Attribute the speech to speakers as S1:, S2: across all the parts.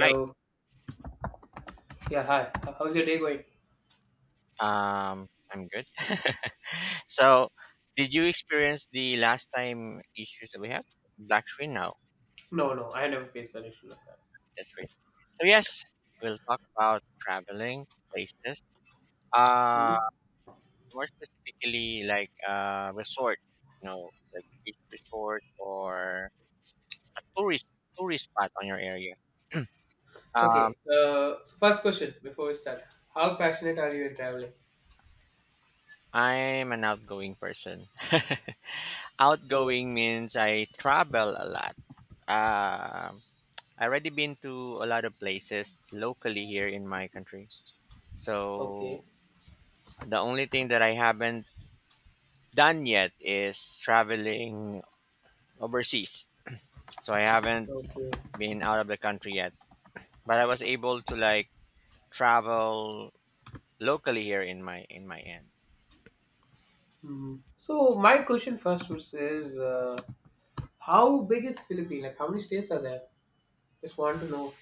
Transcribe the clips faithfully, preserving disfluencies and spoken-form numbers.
S1: Right.
S2: Yeah, hi. H- How's your day going?
S1: Um, I'm good. So, did you experience the last time issues that we have? Black screen now.
S2: No, no, I never faced an issue like that.
S1: That's right. So yes, we'll talk about traveling places. Uh,
S2: Mhm.
S1: More specifically, like uh, resort. You know, like beach resort or tourist tourist spot on your area. Um,
S2: Okay. Uh, so first question before we start. How passionate are you in traveling?
S1: I'm an outgoing person.
S2: Oh,
S1: Outgoing means I travel a lot. Um, I already been to a lot of places locally here in my country. So
S2: okay.
S1: the only thing that I haven't done yet is traveling overseas. So I haven't
S2: Okay.
S1: been out of the country yet, but I was able to like travel locally here in my in my end.
S2: Hmm. So my question first was is uh, how big is Philippines? Like how many states are there? Just want to know.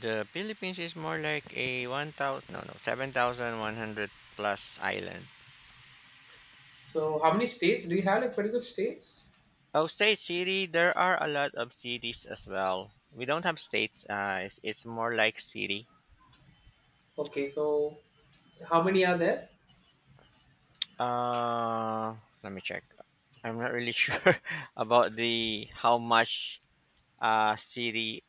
S1: The Philippines is more like a one thousand, no no, seven thousand one hundred plus island.
S2: So how many states? Do you have like particular states?
S1: Oh, state city. There are a lot of cities as well. We don't have states. Uh, it's, it's more like city.
S2: Okay, so how many are there?
S1: Uh, Let me check. I'm not really sure about the how much uh city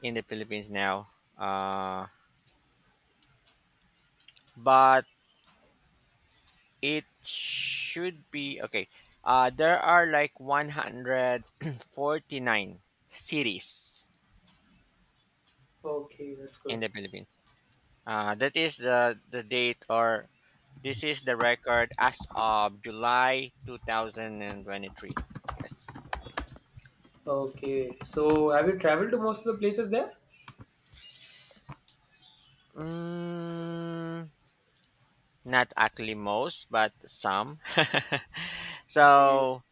S1: in the Philippines now. Uh, but it should be okay. Uh, there are like one hundred forty-nine cities
S2: Okay, that's good.
S1: in the Philippines. Uh, that is the the date, or this is the record as of July two thousand twenty-three. Yes.
S2: Okay. So have you traveled to most of the places there?
S1: Mm, Not actually most, but some.
S2: Okay.
S1: So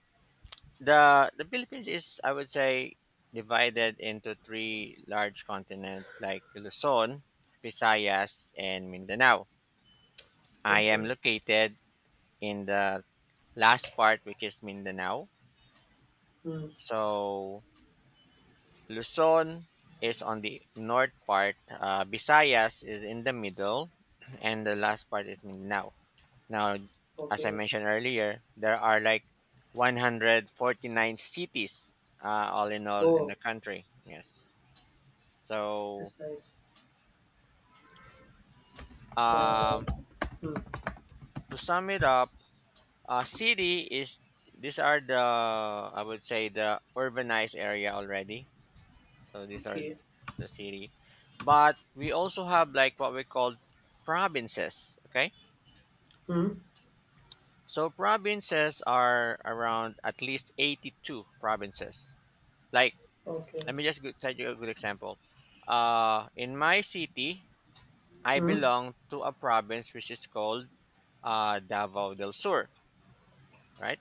S1: the the Philippines is, I would say, divided into three large continents like Luzon, Visayas, and Mindanao. I am
S2: Okay.
S1: located in the last part, which is Mindanao.
S2: Hmm.
S1: So Luzon is on the north part. Uh, Visayas is in the middle, and the last part is Mindanao. Now, as I
S2: Okay.
S1: mentioned earlier, there are like one hundred forty-nine cities, uh, all in all in
S2: Oh,
S1: the country. Yes. So,
S2: that's nice. Uh,
S1: um,
S2: s- mm,
S1: to sum it up, uh, city is these are the, I would say, the urbanized area already. So these are
S2: okay.
S1: the city, but we also have like what we call provinces. Okay.
S2: Hmm.
S1: So provinces are around at least eighty-two provinces. Like
S2: Okay.
S1: let me just go- tell you a good example. Uh, in my city, I
S2: Hmm.
S1: belong to a province which is called, uh, Davao del Sur, right?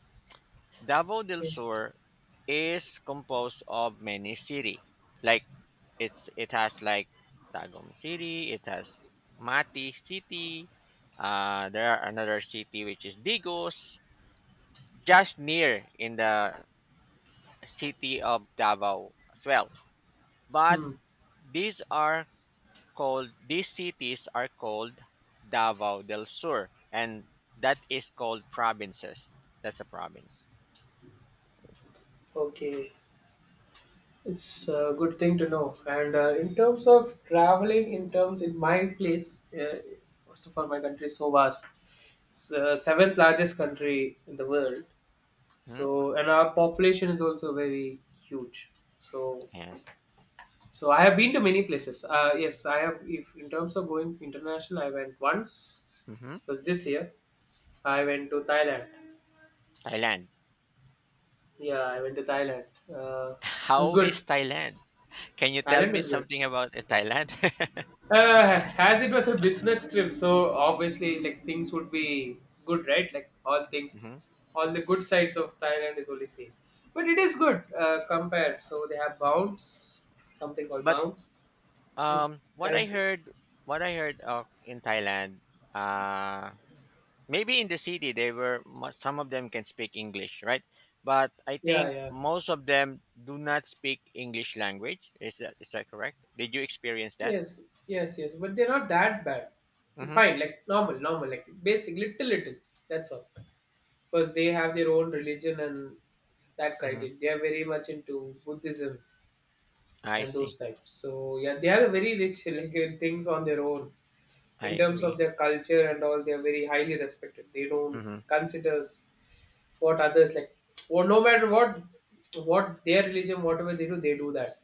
S1: Davao del
S2: Yeah.
S1: Sur is composed of many city. Like it's it has like Tagum City, it has Mati City. Uh, there are another city which is Digos, just near in the city of Davao as well. But
S2: Hmm.
S1: these are called these cities are called Davao del Sur, and that is called provinces. That's a province.
S2: Okay. It's a good thing to know. And uh, in terms of traveling, in terms in my place, uh, also for my country, is so vast. It's uh, seventh largest country in the world.
S1: Hmm?
S2: So and our population is also very huge. So
S1: Yes.
S2: so I have been to many places. Uh, yes, I have. If in terms of going international, I went once.
S1: Hmm.
S2: It was this year I went to Thailand.
S1: Thailand.
S2: Yeah, I went to Thailand. Uh, it was
S1: How is
S2: good.
S1: Thailand? Can you tell
S2: Thailand
S1: me
S2: is good.
S1: something about, uh, Thailand?
S2: Uh, as it was a business trip, so obviously, like things would be good, right? Like all things,
S1: Hmm.
S2: all the good sides of Thailand is only seen. But it is good uh, compared. So they have bounce, something called
S1: But
S2: bounce. Hmm,
S1: um, what I
S2: currency.
S1: heard, what I heard of in Thailand, uh, maybe in the city they were mu- some of them can speak English, right? But I
S2: Yeah,
S1: think
S2: yeah.
S1: most of them do not speak English language. Is that is that correct? Did you experience that?
S2: Yes, yes, yes. But they're not that bad.
S1: Mm-hmm,
S2: Fine, like normal, normal, like basic, little, little. That's all. Because they have their own religion and that
S1: mm-hmm.
S2: criteria. They are very much into Buddhism
S1: I
S2: and those
S1: see.
S2: types. So yeah, they are very rich like uh, things on their own
S1: I
S2: in terms of
S1: agree.
S2: their culture and all. They are very highly respected. They don't
S1: Mm-hmm,
S2: consider what others like. Or no matter what what their religion, whatever they do, they do that.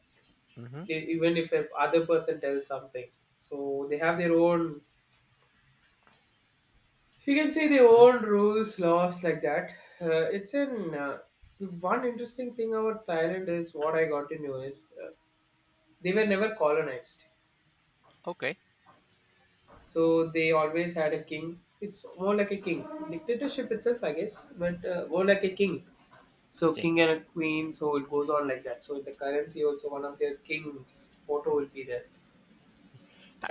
S1: mm-hmm,
S2: They, even if a other person tells something, so they have their own. You can see the
S1: mm-hmm.
S2: old rules, laws like that. Uh, it's in uh, the one interesting thing about Thailand is what I got to know is uh, they were never colonized,
S1: Okay.
S2: so they always had a king. It's more like a king dictatorship itself, I guess, but uh, more like a king.
S1: I
S2: So
S1: see.
S2: king and a queen, so it goes on like that. So in the currency also one of their kings photo will be there,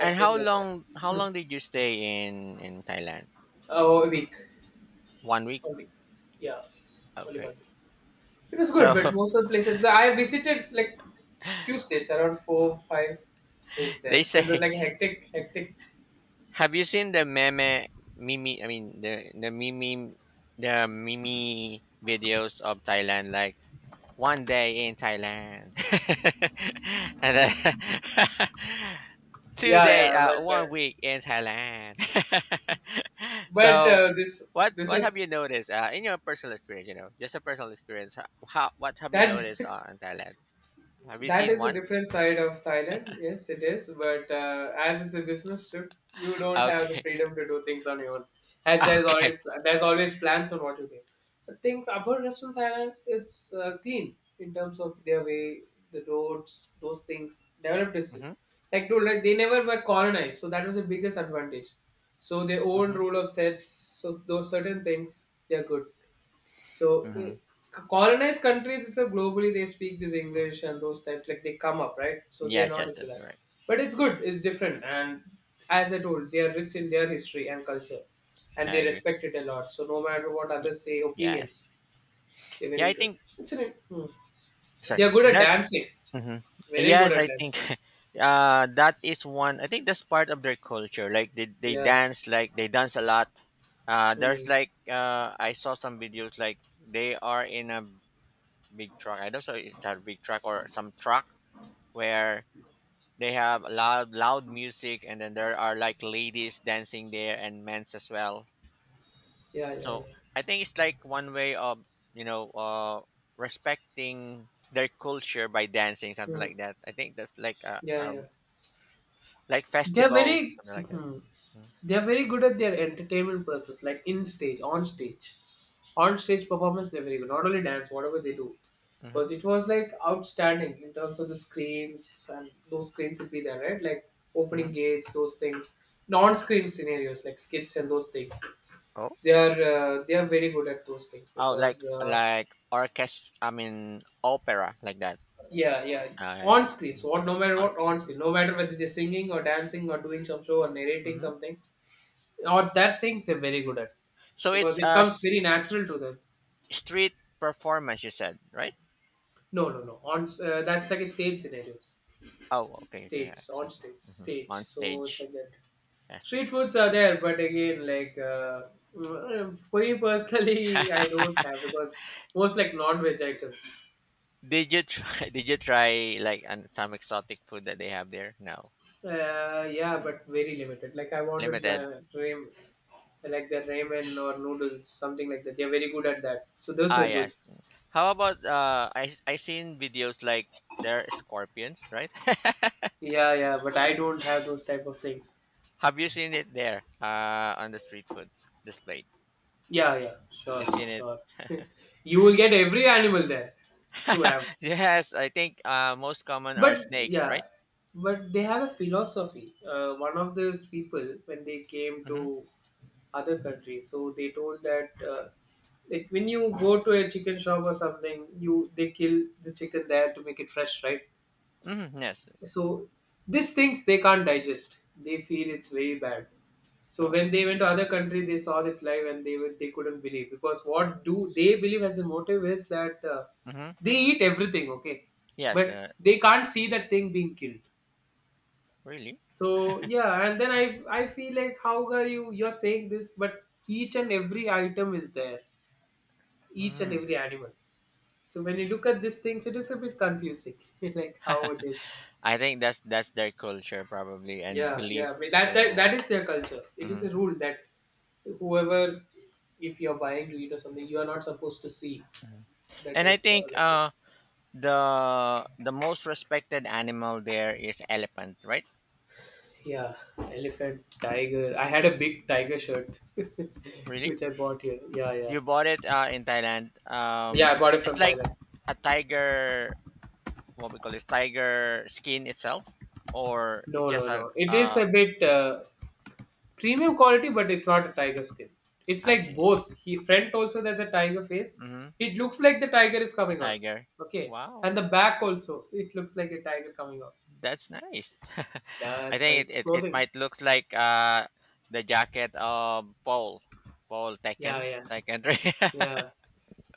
S1: And how
S2: like that.
S1: long how
S2: Hmm.
S1: long did you stay in in Thailand?
S2: Oh, a week,
S1: One week.
S2: a week, yeah, only one
S1: Okay.
S2: week. It was good,
S1: So
S2: but most of the places I visited like few states, around four, five states
S1: they
S2: there. So it was
S1: say,
S2: like hectic, hectic.
S1: have you seen the meme mimi I mean the the mimi the mimi videos of Thailand, like One day in Thailand, and then two
S2: Yeah,
S1: day
S2: yeah,
S1: uh,
S2: but uh,
S1: one week in Thailand.
S2: but
S1: So
S2: uh, this
S1: what
S2: this
S1: what have you
S2: is
S1: noticed, uh, in your personal experience, you know, just a personal experience, ho- how what have you
S2: that.
S1: noticed, uh, in Thailand? Have you
S2: That
S1: seen
S2: is a
S1: one?
S2: different side of Thailand. Yes, it is. But uh, as it's a business trip, you don't have the
S1: Okay.
S2: freedom to do things on your own. As there's
S1: Okay.
S2: already There's always plans on what you do. The thing about Western Thailand, it's uh, clean in terms of their way, the roads, those things developed itself.
S1: Mhm.
S2: Like dude, like they never were colonized, so that was the biggest advantage. So their own
S1: Mhm.
S2: rule of sets, so those certain things, they're good. So eh,
S1: Mhm.
S2: colonized countries, it's a globally they speak this English and those types like they come up, right? So they are
S1: Yes,
S2: not
S1: yes,
S2: into
S1: that's
S2: that.
S1: right.
S2: But it's good. It's different. And as I told, they are rich in their history and culture, and
S1: I
S2: they
S1: agree.
S2: respect it a lot. So no matter what
S1: Y-
S2: others say, opinions,
S1: Yes.
S2: they were
S1: Yeah, I
S2: into it.
S1: think,
S2: It's an, hmm.
S1: sorry.
S2: They are good at
S1: That,
S2: dancing.
S1: hmm.
S2: Very good
S1: Yes,
S2: at
S1: I think
S2: dancing.
S1: uh, that is one. I think that's part of their culture. Like they, they
S2: Yeah.
S1: dance, like they dance a lot. Uh, there's
S2: Hmm.
S1: like, uh, I saw some videos like they are in a big truck. I don't know if it's a big truck or some truck where they have loud loud music, and then there are like ladies dancing there and men's as well.
S2: Yeah. Yeah. Yeah.
S1: So I think it's like one way of you know uh, respecting their culture by dancing something
S2: Hmm.
S1: like that. I think that's like a,
S2: Yeah.
S1: a
S2: Yeah.
S1: like
S2: They're
S1: festival,
S2: very
S1: something like that.
S2: mhm. They're very good at their entertainment purpose, like in stage, on stage. On stage performance, they're very good. Not only dance, whatever they do.
S1: Mm-hmm.
S2: Because it was like outstanding in terms of the screens and those screens would be there, right? Like
S1: Mm-hmm.
S2: opening gates, those things. Non-screen scenarios like skits and those things.
S1: Oh,
S2: They are uh, they are very good at those things
S1: oh, like
S2: because uh,
S1: like orchestra. I mean, opera, like that.
S2: yeah yeah
S1: Uh,
S2: on screen so what no matter
S1: uh,
S2: what on screen no matter whether they're singing or dancing or doing some show or narrating
S1: mm-hmm.
S2: something. Or that things they're very good at
S1: So
S2: because
S1: it's
S2: it
S1: a
S2: comes very
S1: s-
S2: natural to
S1: s-
S2: them.
S1: street performance. You said, right?
S2: No, no, no. On uh, that's like a stage scenarios,
S1: Oh, okay, okay.
S2: stage
S1: Yeah, so I
S2: on
S1: see.
S2: stage,
S1: Mhm.
S2: stage.
S1: On
S2: So it's
S1: stage.
S2: like that.
S1: Yes.
S2: Street foods are there, but again, like uh, mm, for me personally, I don't have because most like non-veg items.
S1: Did you try? Did you try like an, some exotic food that they have there? No,
S2: Uh, yeah, but very limited. Like I wanted
S1: limited.
S2: the ramen, like the ramen or noodles, something like that. They're very good at that. So those
S1: Ah,
S2: were good.
S1: yes. How about uh? I I seen videos like there are scorpions, right?
S2: Yeah, yeah, but I don't have those type of things.
S1: Have you seen it there, uh, on the street food displayed?
S2: Yeah, yeah, sure,
S1: You seen it?
S2: sure. You will get every animal there to have.
S1: Yes, I think uh, most common are
S2: But
S1: snakes,
S2: yeah,
S1: right?
S2: but they have a philosophy. Uh, one of those people, when they came
S1: Mm-hmm.
S2: to other countries, so they told that uh, like when you go to a chicken shop or something, you they kill the chicken there to make it fresh, right?
S1: Mm-hmm. Yes.
S2: So these things they can't digest. They feel it's very bad. So
S1: Oh.
S2: when they went to other country, they saw it live and they were, they couldn't believe because what do they believe as a motive is that uh,
S1: Mm-hmm.
S2: they eat everything, okay,
S1: Yes.
S2: but
S1: The
S2: they can't see that thing being killed.
S1: really.
S2: So yeah, and then I I feel like how are you you're saying this, but each and every item is there, each and
S1: Mm.
S2: every animal. So when you look at these things, it is a bit confusing, like how it is.
S1: I think that's that's their culture probably and
S2: Yeah, yeah.
S1: belief.
S2: but That that
S1: So.
S2: that is their culture. It is
S1: Mm-hmm.
S2: a rule that whoever, if you're buying meat or something, you are not supposed to see the
S1: And I
S2: depth or
S1: think
S2: like this.
S1: uh the the most respected animal there is elephant, right?
S2: Yeah, elephant, tiger. I had a big tiger shirt,
S1: Really?
S2: which I bought here. Yeah, yeah,
S1: You bought it, uh, in Thailand.
S2: yeah.
S1: Um,
S2: I bought it from
S1: it's like
S2: Thailand.
S1: a tiger, what we call this tiger skin itself, or it's
S2: No,
S1: just
S2: no,
S1: a,
S2: no. It is
S1: uh,
S2: a bit uh, premium quality, but it's not a tiger skin. It's
S1: I
S2: like
S1: see, I see.
S2: both. He front also there's a tiger face.
S1: Mm-hmm.
S2: It looks like the tiger is
S1: A
S2: coming out.
S1: tiger.
S2: Okay,
S1: Wow,
S2: and the back also it looks like a tiger coming out.
S1: that's nice.
S2: Yeah,
S1: I
S2: that's nice.
S1: think it, it, it
S2: Clothing.
S1: might looks like uh the jacket of Paul Paul
S2: Yeah,
S1: Tekken
S2: yeah,
S1: Tekken three.
S2: yeah.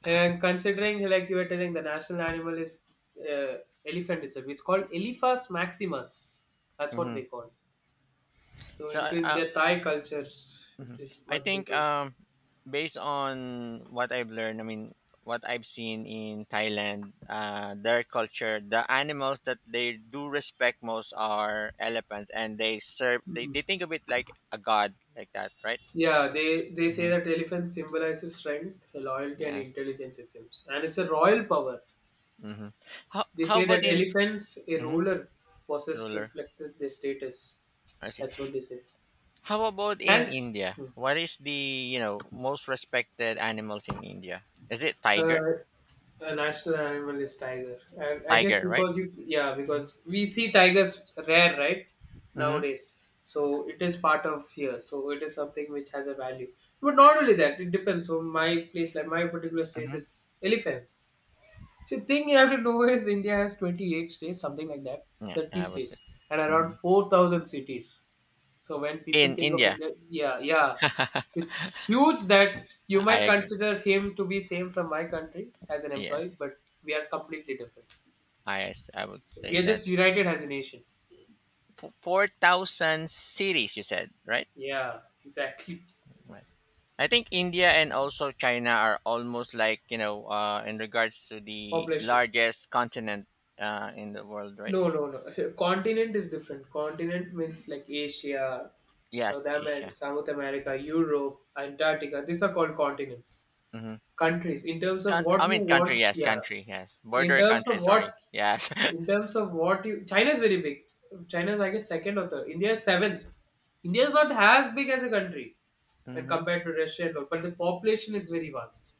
S2: And considering, like you were telling, the national animal is uh, elephant itself. It's called Elephas maximus. That's what they
S1: Mm-hmm.
S2: call. So
S1: So,
S2: into in
S1: uh,
S2: their Thai culture,
S1: Mhm.
S2: it is
S1: I
S2: much
S1: think,
S2: into it.
S1: um, based on what I've learned, I mean, what I've seen in Thailand, uh, their culture, the animals that they do respect most are elephants, and they serve. They,
S2: Hmm.
S1: they think of it like a god, like that, right?
S2: Yeah, they they say
S1: Mm-hmm.
S2: that elephant symbolizes strength, loyalty, and
S1: Yes.
S2: intelligence. It seems, and it's a royal power.
S1: Mm-hmm. How
S2: They
S1: how
S2: say that
S1: about in,
S2: elephants, a
S1: mhm,
S2: ruler, possessed
S1: ruler?
S2: reflected their status.
S1: I see.
S2: That's what they say.
S1: How about in
S2: And
S1: India? What is the you know most respected animals in India? Is it
S2: uh,
S1: tiger?
S2: the national animal is tiger. And I guess
S1: Tiger, right?
S2: because you, yeah, because we see tigers rare, right?
S1: Mm-hmm.
S2: Nowadays. So it is part of here. So it is something which has a value. But not only that, it depends. So my place, like my particular state, it's elephants. So the thing you have to know is India has twenty-eight states, something like that,
S1: Yeah,
S2: thirty
S1: I was,
S2: states, and around
S1: mhm.
S2: four thousand cities. So when people
S1: in
S2: think of
S1: India.
S2: India, yeah, yeah, it's huge that you
S1: I
S2: might
S1: agree.
S2: consider him to be same from my country as an employee,
S1: Yes,
S2: but we are completely different.
S1: I, as- I would
S2: So we
S1: say
S2: are
S1: that,
S2: just united as a nation.
S1: f- four thousand cities. You said, right.
S2: Yeah, exactly.
S1: Right. I think India and also China are almost like, you know uh, in regards to the
S2: Population.
S1: largest continent, uh, in the world, right?
S2: No, no, no. Continent is different. Continent means like Asia, South
S1: Yes,
S2: America,
S1: Asia.
S2: South America, Europe, Antarctica. These are called continents.
S1: Mm-hmm.
S2: Countries. In terms of
S1: Con-
S2: what
S1: I
S2: you
S1: mean, country.
S2: want,
S1: Yes,
S2: yeah.
S1: country. Yes,
S2: In
S1: border
S2: terms
S1: country.
S2: of what
S1: Sorry. Yes.
S2: In terms of what you, China is very big. China is, I guess, second or third. India is seventh. India is not as big as a country when
S1: Mm-hmm.
S2: compared to Russia and all, but the population is very vast.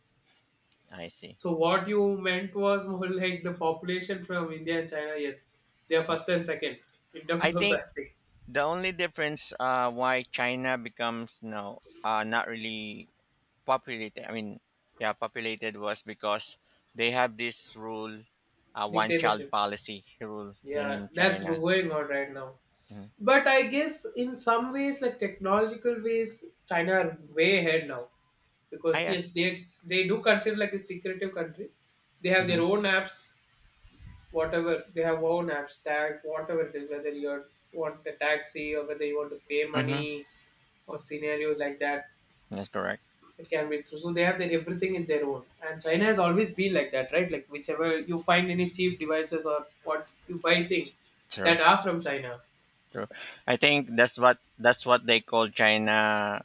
S1: I see.
S2: So what you meant was more like the population from India and China. Yes, they are first and second in terms
S1: I
S2: of
S1: think
S2: that things.
S1: the only difference, uh, why China becomes, no, uh, not really populated. I mean, yeah, populated was because they have this rule, uh, one child
S2: Dictatorship.
S1: policy rule
S2: Yeah,
S1: in
S2: that's
S1: China.
S2: going on right now.
S1: Mhm.
S2: But I guess in some ways, like technological ways, China are way ahead now
S1: I
S2: because yes,
S1: Yes,
S2: they they do consider like a secretive country. They have their
S1: hmm
S2: own apps, whatever they have own apps, tags, whatever it is, whether you want a taxi or whether you want to pay
S1: hmm
S2: money or scenarios like that.
S1: that's correct.
S2: It can be true. So they have their everything is their own, and China has always been like that, right? Like whichever you find any cheap devices or what you buy things that
S1: True,
S2: are from China.
S1: true. I think that's what that's what they call China.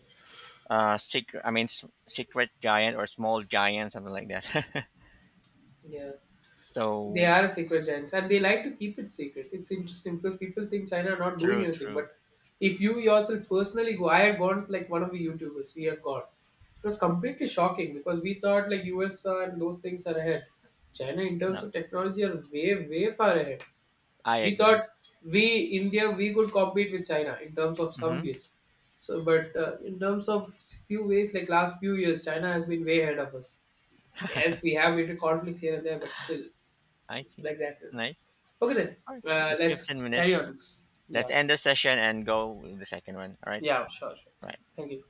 S1: Uh, secret. I mean, s- secret giant or small giant, something like that.
S2: Yeah. They
S1: So
S2: are a secret giants, and they like to keep it secret. It's interesting because people think China are not doing
S1: true,
S2: anything,
S1: true.
S2: but if you yourself personally go, I had gone like one of the YouTubers. We had gone. It was completely shocking because we thought like U S and those things are ahead. China in terms
S1: No,
S2: of technology are way way far ahead.
S1: I
S2: We
S1: agree.
S2: thought we India we could compete with China in terms of some
S1: Mm-hmm.
S2: ways. So, but uh, in terms of few ways, like last few years, China has been way ahead of us. Yes, we have little conflicts here and there, but still,
S1: I
S2: it's
S1: see.
S2: like that.
S1: Nice.
S2: Okay, then
S1: All right.
S2: uh,
S1: It's
S2: let's
S1: fifteen
S2: carry
S1: minutes.
S2: on with this.
S1: Let's
S2: Yeah,
S1: end the session and go with the second one. All right.
S2: yeah, sure, sure.
S1: Bye.
S2: Thank you.